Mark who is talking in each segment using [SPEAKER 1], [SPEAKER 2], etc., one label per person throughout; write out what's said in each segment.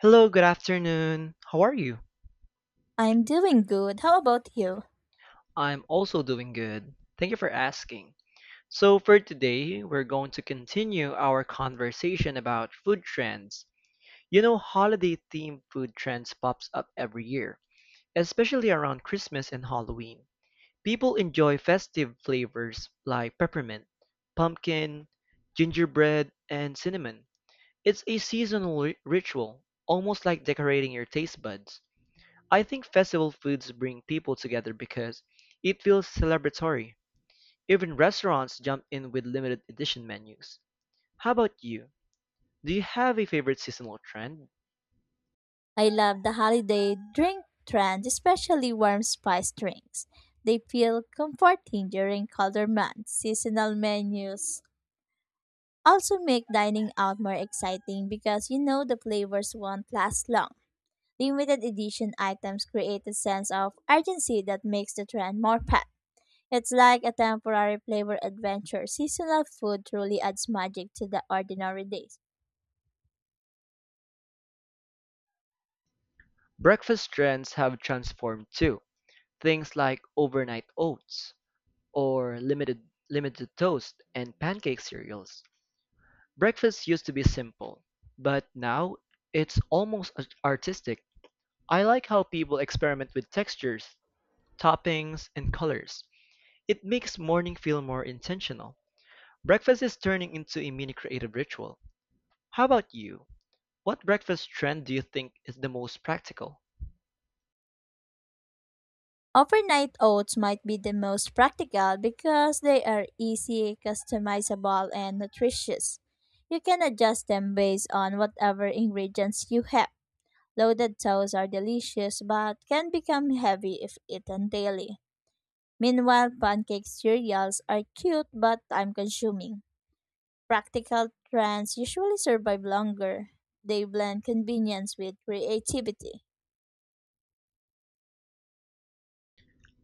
[SPEAKER 1] Hello, good afternoon. How are you?
[SPEAKER 2] I'm doing good. How about you?
[SPEAKER 1] I'm also doing good. Thank you for asking. So, for today, we're going to continue our conversation about food trends. You know, holiday themed food trends pops up every year, especially around Christmas and Halloween. People enjoy festive flavors like peppermint, pumpkin, gingerbread, and cinnamon. It's a seasonal ritual, almost like decorating your taste buds. I think festival foods bring people together because it feels celebratory. Even restaurants jump in with limited edition menus. How about you? Do you have a favorite seasonal trend?
[SPEAKER 2] I love the holiday drink trend, especially warm spice drinks. They feel comforting during colder months. Seasonal menus also make dining out more exciting because you know the flavors won't last long. Limited edition items create a sense of urgency that makes the trend more packed. It's like a temporary flavor adventure. Seasonal food truly adds magic to the ordinary days.
[SPEAKER 1] Breakfast trends have transformed too. Things like overnight oats or limited toast and pancake cereals. Breakfast used to be simple, but now it's almost artistic. I like how people experiment with textures, toppings, and colors. It makes morning feel more intentional. Breakfast is turning into a mini creative ritual. How about you? What breakfast trend do you think is the most practical?
[SPEAKER 2] Overnight oats might be the most practical because they are easy, customizable, and nutritious. You can adjust them based on whatever ingredients you have. Loaded oats are delicious but can become heavy if eaten daily. Meanwhile, pancake cereals are cute but time consuming. Practical trends usually survive longer. They blend convenience with creativity.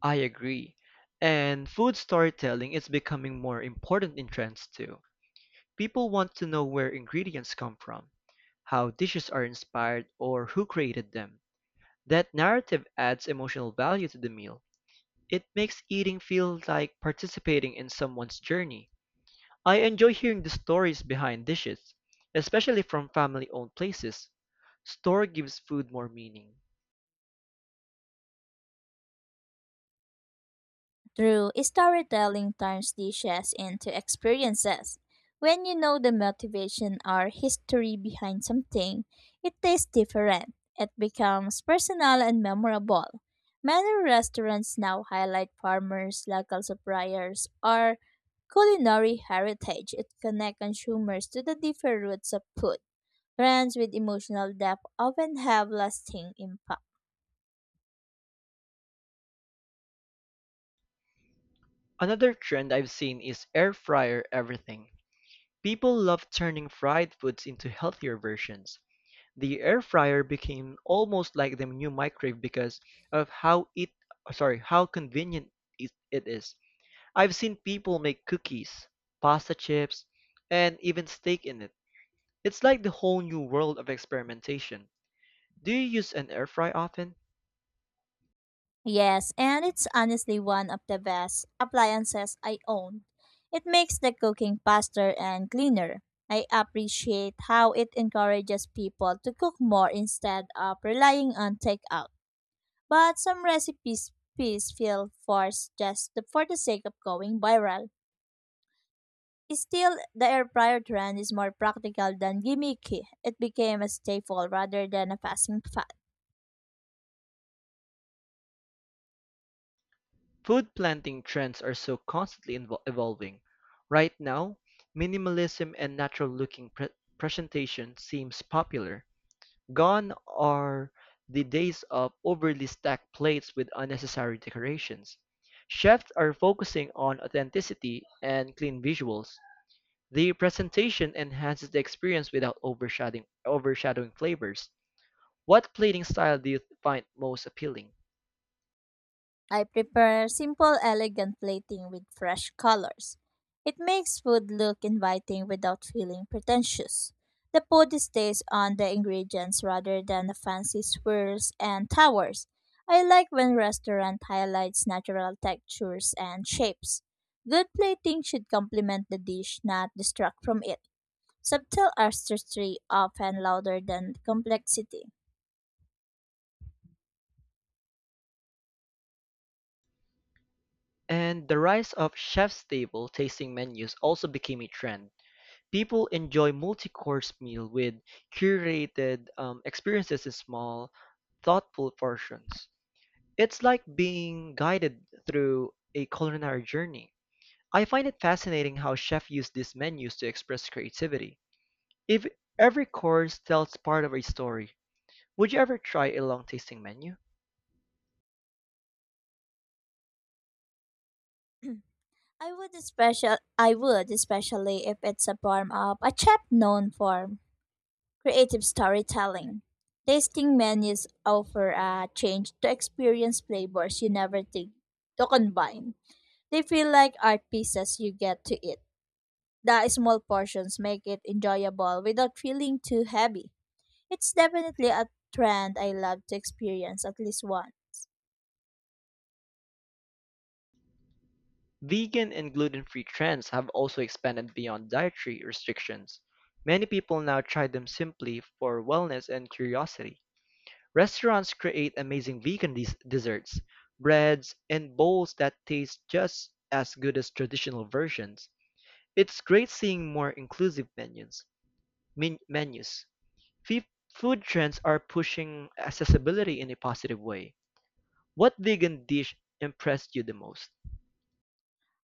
[SPEAKER 1] I agree. And food storytelling is becoming more important in trends too. People want to know where ingredients come from, how dishes are inspired, or who created them. That narrative adds emotional value to the meal. It makes eating feel like participating in someone's journey. I enjoy hearing the stories behind dishes, especially from family-owned places. Store gives food more meaning.
[SPEAKER 2] True, storytelling turns dishes into experiences. When you know the motivation or history behind something, it tastes different. It becomes personal and memorable. Many restaurants now highlight farmers, local suppliers, or culinary heritage. It connects consumers to the different roots of food. Brands with emotional depth often have lasting impact.
[SPEAKER 1] Another trend I've seen is air fryer everything. People love turning fried foods into healthier versions. The air fryer became almost like the new microwave because of how it sorry, how convenient it is. I've seen people make cookies, pasta chips, and even steak in it. It's like the whole new world of experimentation. Do you use an air fry often?
[SPEAKER 2] Yes, and it's honestly one of the best appliances I own. It makes the cooking faster and cleaner. I appreciate how it encourages people to cook more instead of relying on takeout. But some recipes feel forced for the sake of going viral. Still, the air fryer trend is more practical than gimmicky. It became a staple rather than a passing fad.
[SPEAKER 1] Food planting trends are so constantly evolving. Right now, minimalism and natural-looking presentation seems popular. Gone are the days of overly stacked plates with unnecessary decorations. Chefs are focusing on authenticity and clean visuals. The presentation enhances the experience without overshadowing flavors. What plating style do you find most appealing?
[SPEAKER 2] I prefer simple, elegant plating with fresh colors. It makes food look inviting without feeling pretentious. The food stays on the ingredients rather than the fancy swirls and towers. I like when restaurant highlights natural textures and shapes. Good plating should complement the dish, not distract from it. Subtle artistry often louder than complexity.
[SPEAKER 1] And the rise of chef's table tasting menus also became a trend. People enjoy multi-course meal with curated experiences in small, thoughtful portions. It's like being guided through a culinary journey. I find it fascinating how chefs use these menus to express creativity. If every course tells part of a story, would you ever try a long tasting menu?
[SPEAKER 2] I would especially if it's a form of a chef known for creative storytelling. Tasting menus offer a change to experience flavors you never think to combine. They feel like art pieces you get to eat. The small portions make it enjoyable without feeling too heavy. It's definitely a trend I love to experience at least once.
[SPEAKER 1] Vegan and gluten-free trends have also expanded beyond dietary restrictions. Many people now try them simply for wellness and curiosity. Restaurants create amazing vegan desserts, breads, and bowls that taste just as good as traditional versions. It's great seeing more inclusive menus. Menus. Fe- Food trends are pushing accessibility in a positive way. What vegan dish impressed you the most?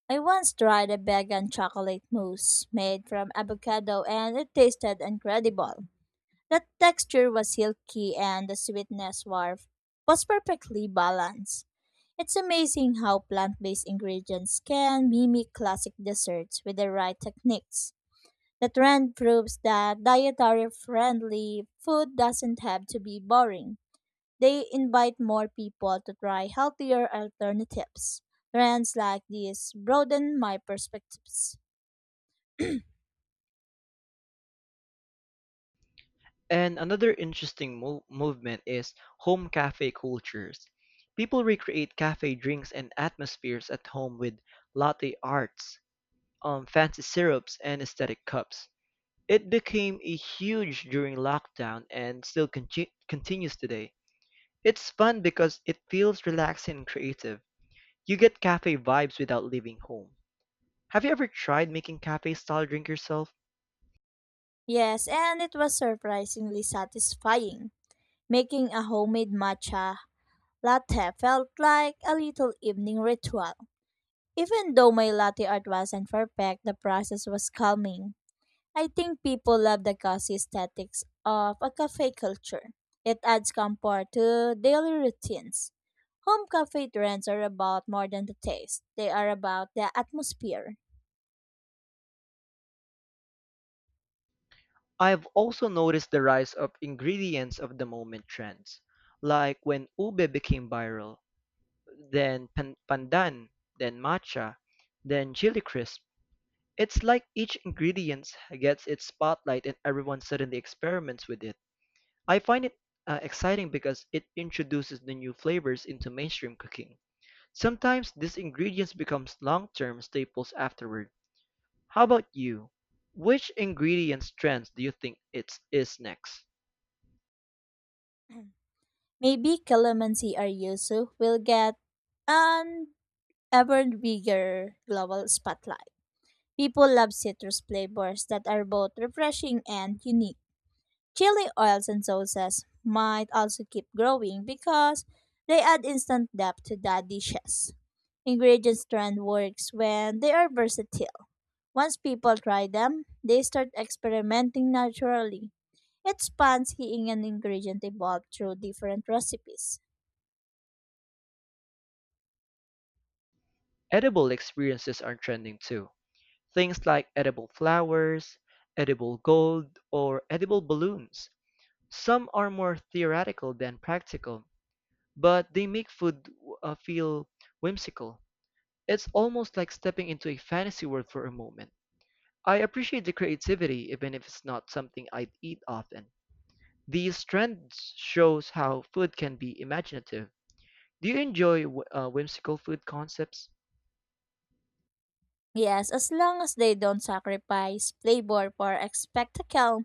[SPEAKER 2] I once tried a vegan chocolate mousse made from avocado and it tasted incredible. The texture was silky and the was perfectly balanced. It's amazing how plant based ingredients can mimic classic desserts with the right techniques. The trend proves that dietary friendly food doesn't have to be boring. They invite more people to try healthier alternatives. Trends like these broaden my perspectives.
[SPEAKER 1] And another interesting movement is home cafe cultures. People recreate cafe drinks and atmospheres at home with latte arts, fancy syrups, and aesthetic cups. It became a huge during lockdown and still continues today. It's fun because it feels relaxing and creative. You get cafe vibes without leaving home. Have you ever tried making cafe style drink yourself?
[SPEAKER 2] Yes, and it was surprisingly satisfying. Making a homemade matcha latte felt like a little evening ritual. Even though my latte art wasn't perfect, the process was calming. I think people love the cozy aesthetics of a cafe culture. It adds comfort to daily routines. Home cafe trends are about more than the taste, they are about the atmosphere.
[SPEAKER 1] I have also noticed the rise of ingredients of the moment trends, like when ube became viral, then pandan, then matcha, then chili crisp. It's like each ingredient gets its spotlight and everyone suddenly experiments with it. I find it exciting because it introduces the new flavors into mainstream cooking. Sometimes these ingredients become long-term staples afterward. How about you? Which ingredients trends do you think it's is next?
[SPEAKER 2] Maybe calamansi or yuzu will get, and ever bigger global spotlight. People love citrus flavors that are both refreshing and unique. Chili oils and sauces might also keep growing because they add instant depth to the dishes. Ingredients trend works when they are versatile. Once people try them, they start experimenting naturally. It's fun seeing an ingredient evolve through different recipes.
[SPEAKER 1] Edible experiences are trending too. Things like edible flowers, edible gold, or edible balloons. Some are more theoretical than practical, but they make food feel whimsical. It's almost like stepping into a fantasy world for a moment. I appreciate the creativity even if it's not something I'd eat often. These trends shows how food can be imaginative. Do you enjoy whimsical food concepts?
[SPEAKER 2] Yes, as long as they don't sacrifice flavor for a spectacle,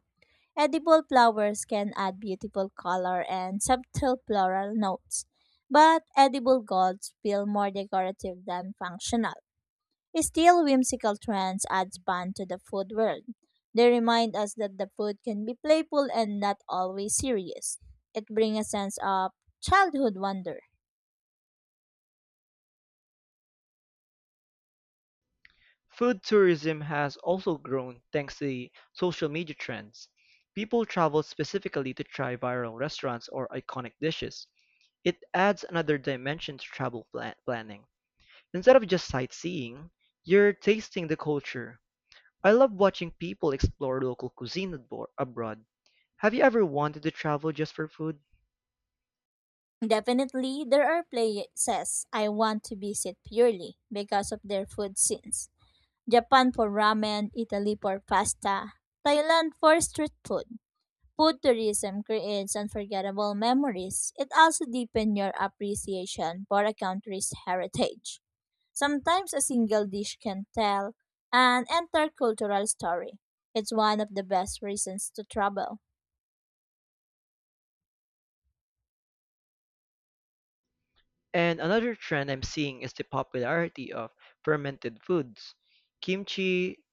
[SPEAKER 2] edible flowers can add beautiful color and subtle floral notes, but edible gods feel more decorative than functional. Still, whimsical trends add fun to the food world. They remind us that the food can be playful and not always serious. It brings a sense of childhood wonder.
[SPEAKER 1] Food tourism has also grown thanks to the social media trends. People travel specifically to try viral restaurants or iconic dishes. It adds another dimension to travel planning. Instead of just sightseeing, you're tasting the culture. I love watching people explore local cuisine abroad. Have you ever wanted to travel just for food?
[SPEAKER 2] Definitely, there are places I want to visit purely because of their food scenes. Japan for ramen, Italy for pasta, Thailand for street food. Food tourism creates unforgettable memories. It also deepens your appreciation for a country's heritage. Sometimes a single dish can tell an entire cultural story. It's one of the best reasons to travel.
[SPEAKER 1] And another trend I'm seeing is the popularity of fermented foods. Kimchi,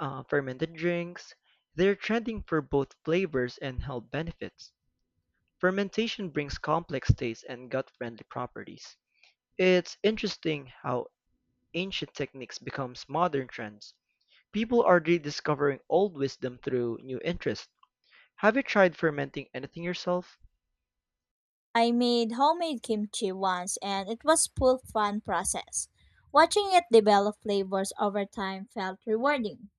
[SPEAKER 1] fermented drinks, they're trending for both flavors and health benefits. Fermentation brings complex tastes and gut-friendly properties. It's interesting how ancient techniques becomes modern trends. People are rediscovering old wisdom through new interests. Have you tried fermenting anything yourself?
[SPEAKER 2] I made homemade kimchi once and it was full fun process. Watching it develop flavors over time felt rewarding.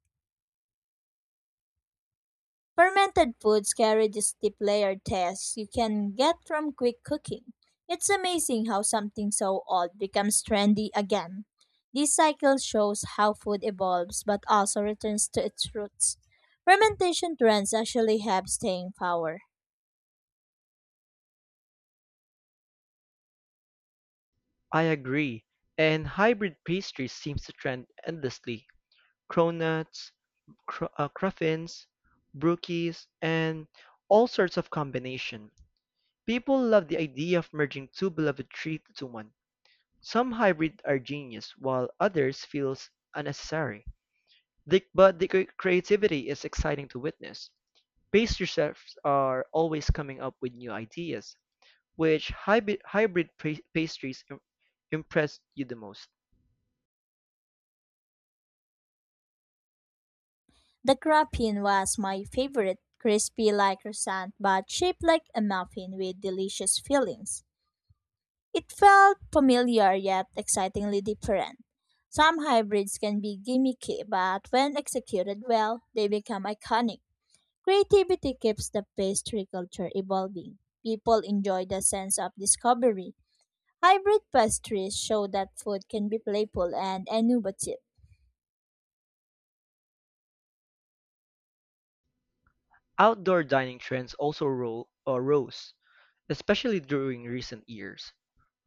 [SPEAKER 2] Fermented foods carry this deep layered taste you can get from quick cooking. It's amazing how something so old becomes trendy again. This cycle shows how food evolves but also returns to its roots. Fermentation trends actually have staying power.
[SPEAKER 1] I agree. And hybrid pastries seems to trend endlessly. Cronuts, cruffins, brookies, and all sorts of combination. People love the idea of merging two beloved traits into one. Some hybrids are genius, while others feels unnecessary. But the creativity is exciting to witness. Pace chefs are always coming up with new ideas. Which hybrid pastries impressed you the most?
[SPEAKER 2] The crappin was my favorite, crispy like croissant but shaped like a muffin with delicious fillings. It felt familiar yet excitingly different. Some hybrids can be gimmicky, but when executed well, they become iconic. Creativity keeps the pastry culture evolving. People enjoy the sense of discovery. Hybrid pastries show that food can be playful and innovative.
[SPEAKER 1] Outdoor dining trends also rose, especially during recent years.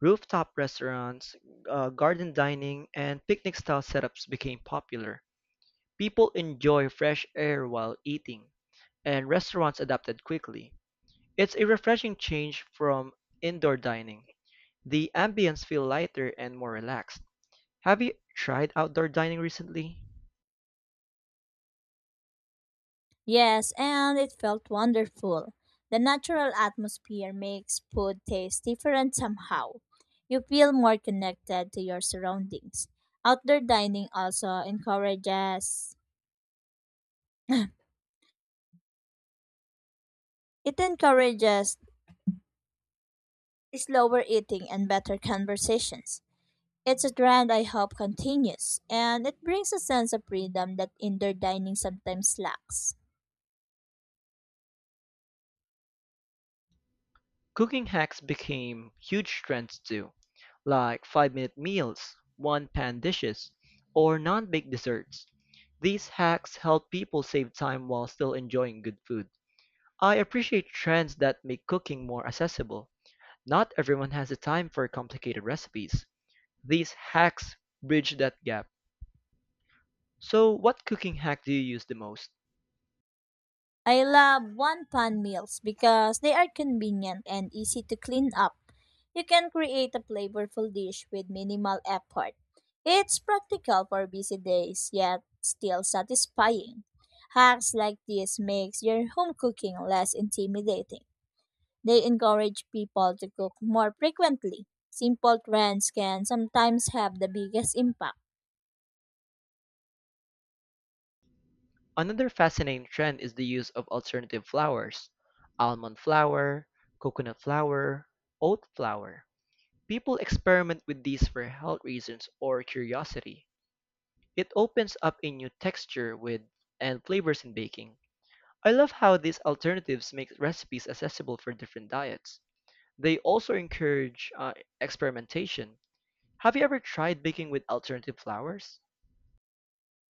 [SPEAKER 1] Rooftop restaurants, garden dining, and picnic style setups became popular. People enjoy fresh air while eating, and restaurants adapted quickly. It's a refreshing change from indoor dining. The ambience feel lighter and more relaxed. Have you tried outdoor dining recently?
[SPEAKER 2] Yes, and it felt wonderful. The natural atmosphere makes food taste different somehow. You feel more connected to your surroundings. Outdoor dining also encourages it encourages slower eating and better conversations. It's a trend I hope continues, and it brings a sense of freedom that indoor dining sometimes lacks.
[SPEAKER 1] Cooking hacks became huge trends too, like 5-minute meals, one-pan dishes, or non-baked desserts. These hacks help people save time while still enjoying good food. I appreciate trends that make cooking more accessible. Not everyone has the time for complicated recipes. These hacks bridge that gap. So, what cooking hack do you use the most?
[SPEAKER 2] I love one pan meals because they are convenient and easy to clean up. You can create a flavorful dish with minimal effort. It's practical for busy days yet still satisfying. Hacks like this makes your home cooking less intimidating. They encourage people to cook more frequently. Simple trends can sometimes have the biggest impact.
[SPEAKER 1] Another fascinating trend is the use of alternative flours almond flour, coconut flour, oat flour. People experiment with these for health reasons or curiosity. It opens up a new texture with and flavors in baking. I love how these alternatives make recipes accessible for different diets. They also encourage experimentation. Have you ever tried baking with alternative flours?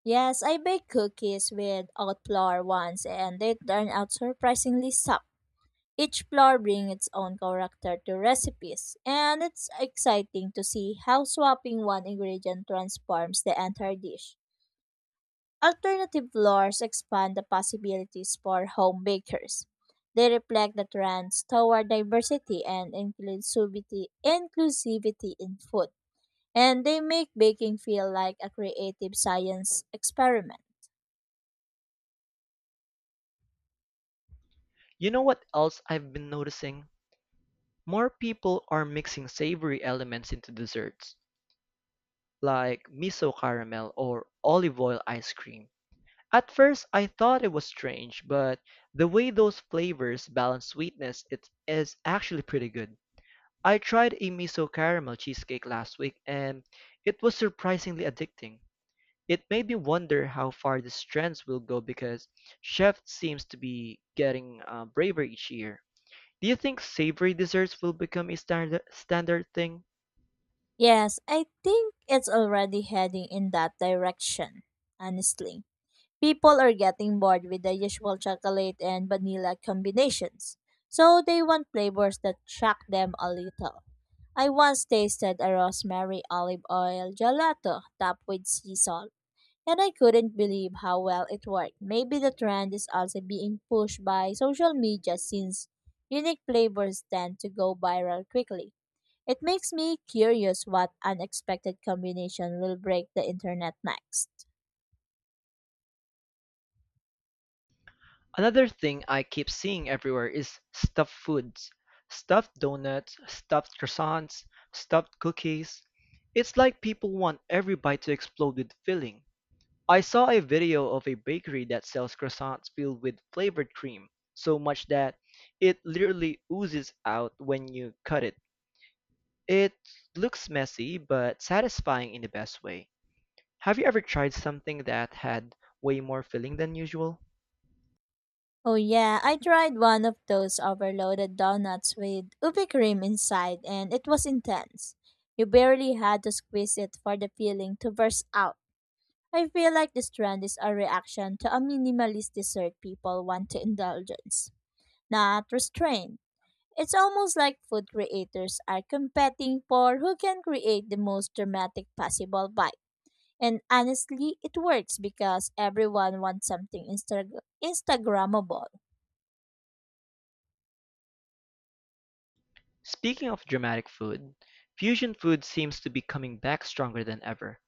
[SPEAKER 2] Yes, I baked cookies with oat flour once and they turned out surprisingly soft. Each flour brings its own character to recipes, and it's exciting to see how swapping one ingredient transforms the entire dish. Alternative flours expand the possibilities for home bakers. They reflect the trends toward diversity and inclusivity in food, and they make baking feel like a creative science experiment.
[SPEAKER 1] You know what else I've been noticing? More people are mixing savory elements into desserts, like miso caramel or olive oil ice cream. At first, I thought it was strange, but the way those flavors balance sweetness it is actually pretty good. I tried a miso caramel cheesecake last week and it was surprisingly addicting. It made me wonder how far these trends will go because chef seems to be getting braver each year. Do you think savory desserts will become a standard thing?
[SPEAKER 2] Yes, I think it's already heading in that direction, honestly. People are getting bored with the usual chocolate and vanilla combinations, so they want flavors that shock them a little. I once tasted a rosemary olive oil gelato topped with sea salt, and I couldn't believe how well it worked. Maybe the trend is also being pushed by social media since unique flavors tend to go viral quickly. It makes me curious what unexpected combination will break the internet next.
[SPEAKER 1] Another thing I keep seeing everywhere is stuffed foods. Stuffed donuts, stuffed croissants, stuffed cookies. It's like people want every bite to explode with filling. I saw a video of a bakery that sells croissants filled with flavored cream, so much that it literally oozes out when you cut it. It looks messy, but satisfying in the best way. Have you ever tried something that had way more filling than usual?
[SPEAKER 2] Oh yeah, I tried one of those overloaded donuts with ubi cream inside and it was intense. You barely had to squeeze it for the filling to burst out. I feel like this trend is a reaction to a minimalist dessert people want to indulgence, not restraint. It's almost like food creators are competing for who can create the most dramatic possible bite. And honestly, it works because everyone wants something Instagrammable.
[SPEAKER 1] Speaking of dramatic food, fusion food seems to be coming back stronger than ever.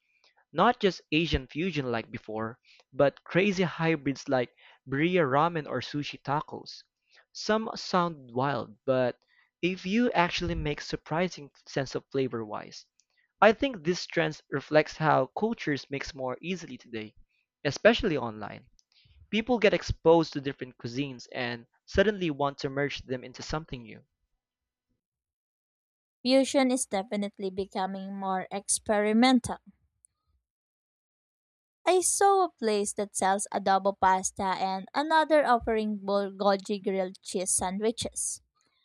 [SPEAKER 1] Not just Asian fusion like before, but crazy hybrids like birria ramen or sushi tacos. Some sound wild, but a few actually make surprising sense of flavor wise. I think this trend reflects how cultures mix more easily today, especially online. People get exposed to different cuisines and suddenly want to merge them into something new.
[SPEAKER 2] Fusion is definitely becoming more experimental. I saw a place that sells adobo pasta and another offering bulgogi grilled cheese sandwiches.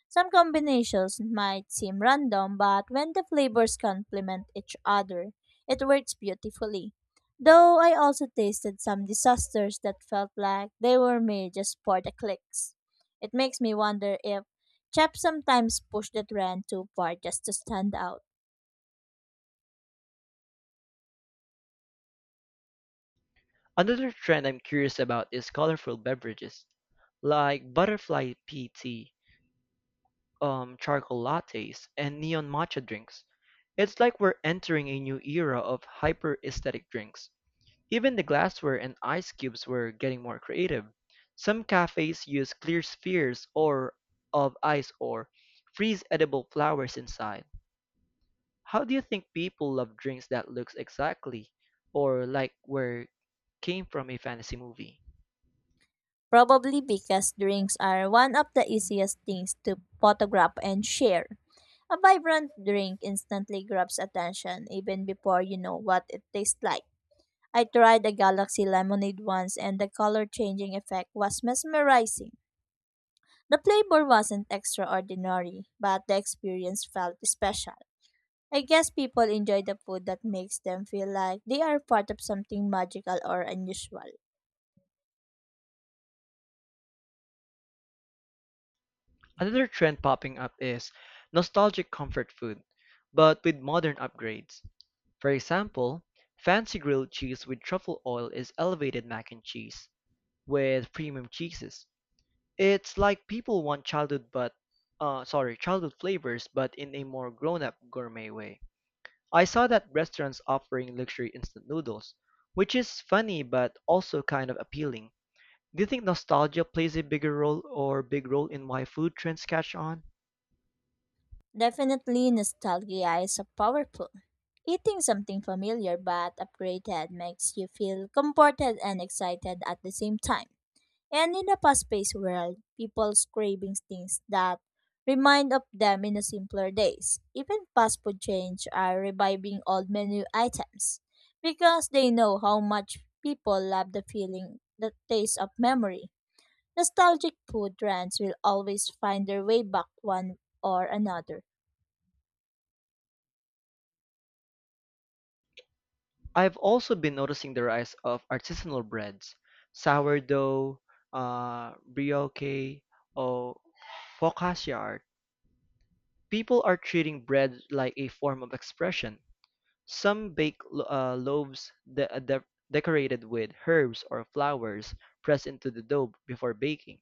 [SPEAKER 2] Some combinations might seem random, but when the flavors complement each other, it works beautifully. Though I also tasted some disasters that felt like they were made just for the clicks. It makes me wonder if chefs sometimes push the trend too far just to stand out.
[SPEAKER 1] Another trend I'm curious about is colorful beverages, like butterfly pea tea, charcoal lattes, and neon matcha drinks. It's like we're entering a new era of hyper aesthetic drinks. Even the glassware and ice cubes were getting more creative. Some cafes use clear spheres or of ice or freeze edible flowers inside. How do you think people love drinks that looks exactly or like where came from a fantasy movie?
[SPEAKER 2] Probably because drinks are one of the easiest things to photograph and share. A vibrant drink instantly grabs attention even before you know what it tastes like. I tried a galaxy lemonade once and the color changing effect was mesmerizing. The flavor wasn't extraordinary, but the experience felt special. I guess people enjoy the food that makes them feel like they are part of something magical or unusual.
[SPEAKER 1] Another trend popping up is nostalgic comfort food, but with modern upgrades. For example, fancy grilled cheese with truffle oil is elevated mac and cheese with premium cheeses. It's like people want childhood flavors but in a more grown-up gourmet way. I saw that restaurants offering luxury instant noodles, which is funny but also kind of appealing. Do you think nostalgia plays a big role in why food trends catch on?
[SPEAKER 2] Definitely, nostalgia is a powerful. Eating something familiar but upgraded makes you feel comforted and excited at the same time. And in a fast-paced world, people's cravings things that remind of them in the simpler days. Even fast food chains are reviving old menu items because they know how much people love the feeling, the taste of memory. Nostalgic food trends will always find their way back one or another.
[SPEAKER 1] I've also been noticing the rise of artisanal breads, sourdough, brioche, or focaccia art. People are treating bread like a form of expression. Some bake loaves decorated with herbs or flowers pressed into the dough before baking.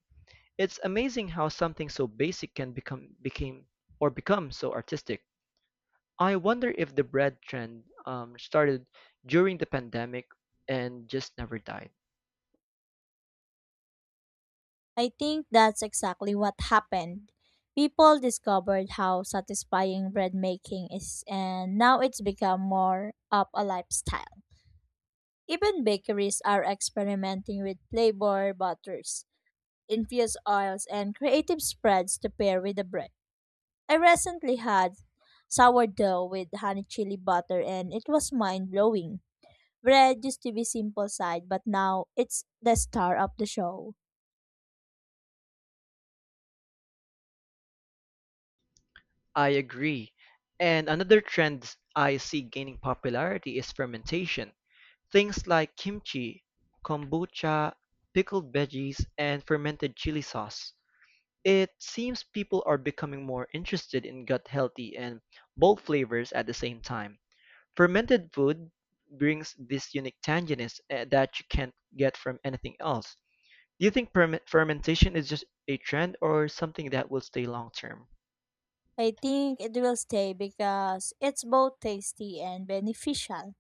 [SPEAKER 1] It's amazing how something so basic can become became or become so artistic. I wonder if the bread trend started during the pandemic and just never died.
[SPEAKER 2] I think that's exactly what happened. People discovered how satisfying bread making is, and now it's become more of a lifestyle. Even bakeries are experimenting with flavor butters, infused oils, and creative spreads to pair with the bread. I recently had sourdough with honey chili butter, and it was mind blowing. Bread used to be simple side, but now it's the star of the show.
[SPEAKER 1] I agree. And another trend I see gaining popularity is fermentation. Things like kimchi, kombucha, pickled veggies, and fermented chili sauce. It seems people are becoming more interested in gut healthy and bold flavors at the same time. Fermented food brings this unique tanginess that you can't get from anything else. Do you think fermentation is just a trend or something that will stay long term?
[SPEAKER 2] I think it will stay because it's both tasty and beneficial.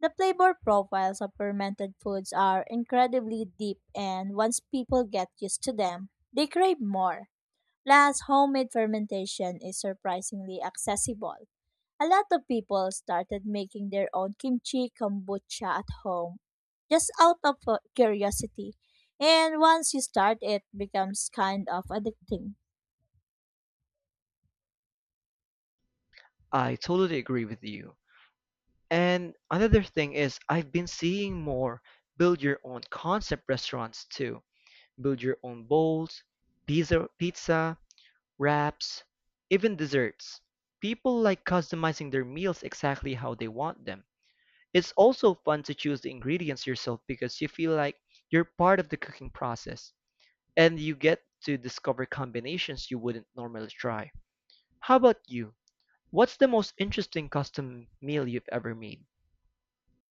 [SPEAKER 2] The flavor profiles of fermented foods are incredibly deep, and once people get used to them, they crave more. Plus, homemade fermentation is surprisingly accessible. A lot of people started making their own kimchi kombucha at home just out of curiosity. And once you start, it becomes kind of addicting.
[SPEAKER 1] I totally agree with you. And another thing is, I've been seeing more build your own concept restaurants too. Build your own bowls, pizza, wraps, even desserts. People like customizing their meals exactly how they want them. It's also fun to choose the ingredients yourself because you feel like you're part of the cooking process and you get to discover combinations you wouldn't normally try. How about you? What's the most interesting custom meal you've ever made?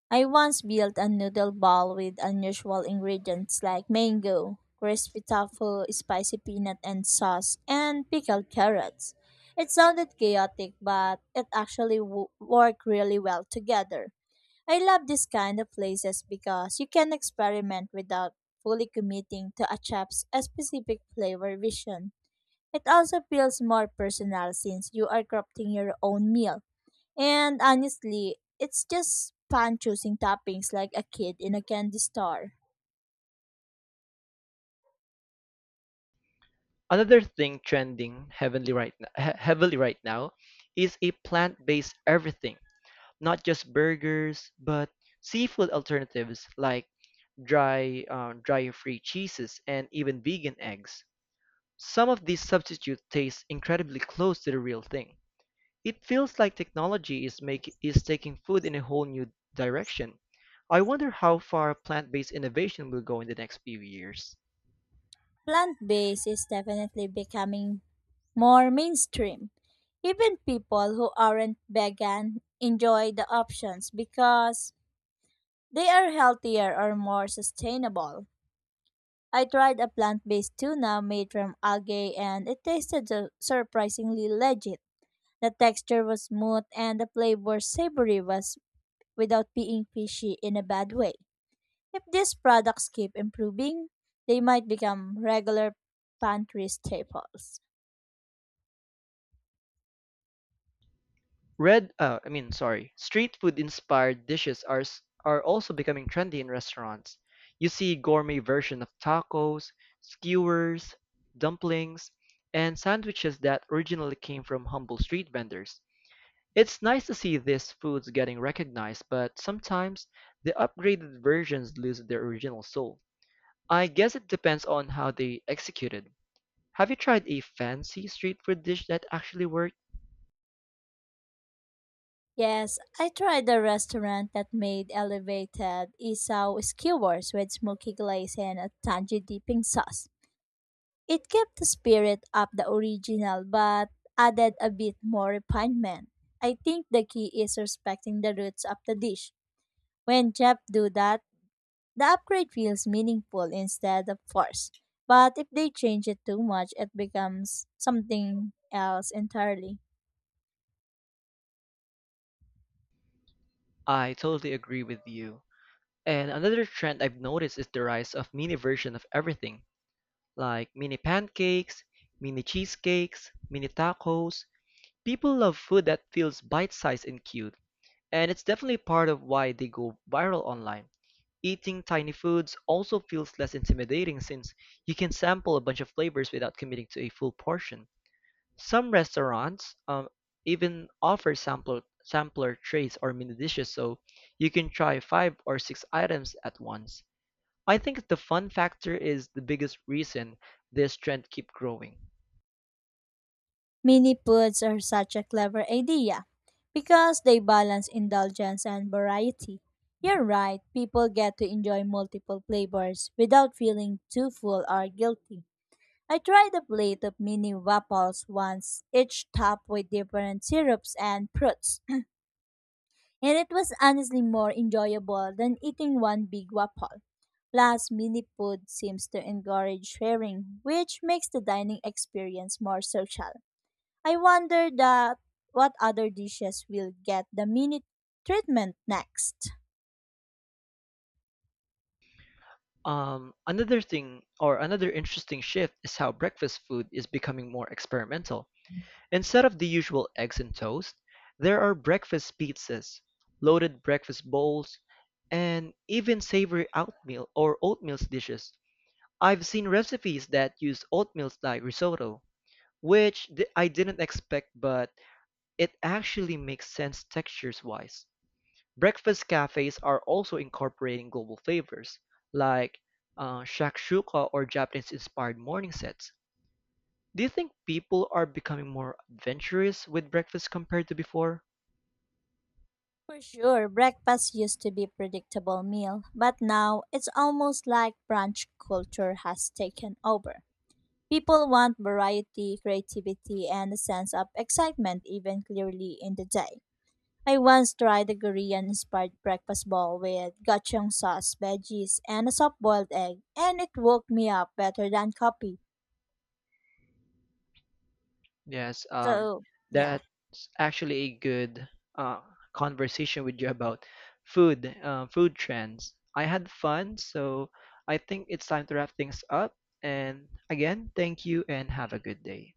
[SPEAKER 2] I once built a noodle ball with unusual ingredients like mango, crispy tofu, spicy peanut and sauce, and pickled carrots. It sounded chaotic, but it actually worked really well together. I love this kind of places because you can experiment without fully committing to a chef's a specific flavor vision. It also feels more personal since you are crafting your own meal. And honestly, it's just fun choosing toppings like a kid in a candy store.
[SPEAKER 1] Another thing trending heavily right now is a plant-based everything. Not just burgers, but seafood alternatives like dry-free cheeses and even vegan eggs. Some of these substitutes taste incredibly close to the real thing. It feels like technology is making is taking food in a whole new direction. I wonder how far plant-based innovation will go in the next few years.
[SPEAKER 2] Plant based is definitely becoming more mainstream. Even people who aren't vegan enjoy the options because they are healthier or more sustainable. I tried a plant based tuna made from algae and it tasted surprisingly legit. The texture was smooth and the flavor savory was without being fishy in a bad way. If these products keep improving, they might become regular pantry staples.
[SPEAKER 1] Red, I mean, sorry, Street food inspired dishes are also becoming trendy in restaurants. You see gourmet version of tacos, skewers, dumplings, and sandwiches that originally came from humble street vendors. It's nice to see these foods getting recognized, but sometimes the upgraded versions lose their original soul. I guess it depends on how they executed. Have you tried a fancy street food dish that actually worked?
[SPEAKER 2] Yes, I tried a restaurant that made elevated isaw skewers with smoky glaze and a tangy dipping sauce. It kept the spirit of the original but added a bit more refinement. I think the key is respecting the roots of the dish. When chefs do that, the upgrade feels meaningful instead of forced, but if they change it too much, it becomes something else entirely.
[SPEAKER 1] I totally agree with you. And another trend I've noticed is the rise of mini version of everything, like mini pancakes, mini cheesecakes, mini tacos. People love food that feels bite-sized and cute, and it's definitely part of why they go viral online. Eating tiny foods also feels less intimidating since you can sample a bunch of flavors without committing to a full portion. Some restaurants even offer sampler trays or mini dishes so you can try five or six items at once. I think the fun factor is the biggest reason this trend keep growing.
[SPEAKER 2] Mini foods are such a clever idea because they balance indulgence and variety. You're right, people get to enjoy multiple flavors without feeling too full or guilty. I tried a plate of mini waffles once, each topped with different syrups and fruits, and it was honestly more enjoyable than eating one big waffle. Plus, mini food seems to encourage sharing, which makes the dining experience more social. I wonder that what other dishes will get the mini treatment next.
[SPEAKER 1] Another thing or another interesting shift is how breakfast food is becoming more experimental. Instead of the usual eggs and toast, there are breakfast pizzas, loaded breakfast bowls, and even savory oatmeal or oatmeal dishes. I've seen recipes that use oatmeal like risotto, which I didn't expect, but it actually makes sense textures wise. Breakfast cafes are also incorporating global flavors, like shakshuka or Japanese-inspired morning sets. Do you think people are becoming more adventurous with breakfast compared to before?
[SPEAKER 2] For sure, breakfast used to be predictable meal, but now it's almost like brunch culture has taken over. People want variety, creativity, and a sense of excitement even clearly in the day. I once tried a Korean-inspired breakfast bowl with gochujang sauce, veggies, and a soft-boiled egg, and it woke me up better than coffee.
[SPEAKER 1] Yes,
[SPEAKER 2] So, yeah.
[SPEAKER 1] that's actually a good uh, conversation with you about food trends. I had fun, so I think it's time to wrap things up. And again, thank you and have a good day.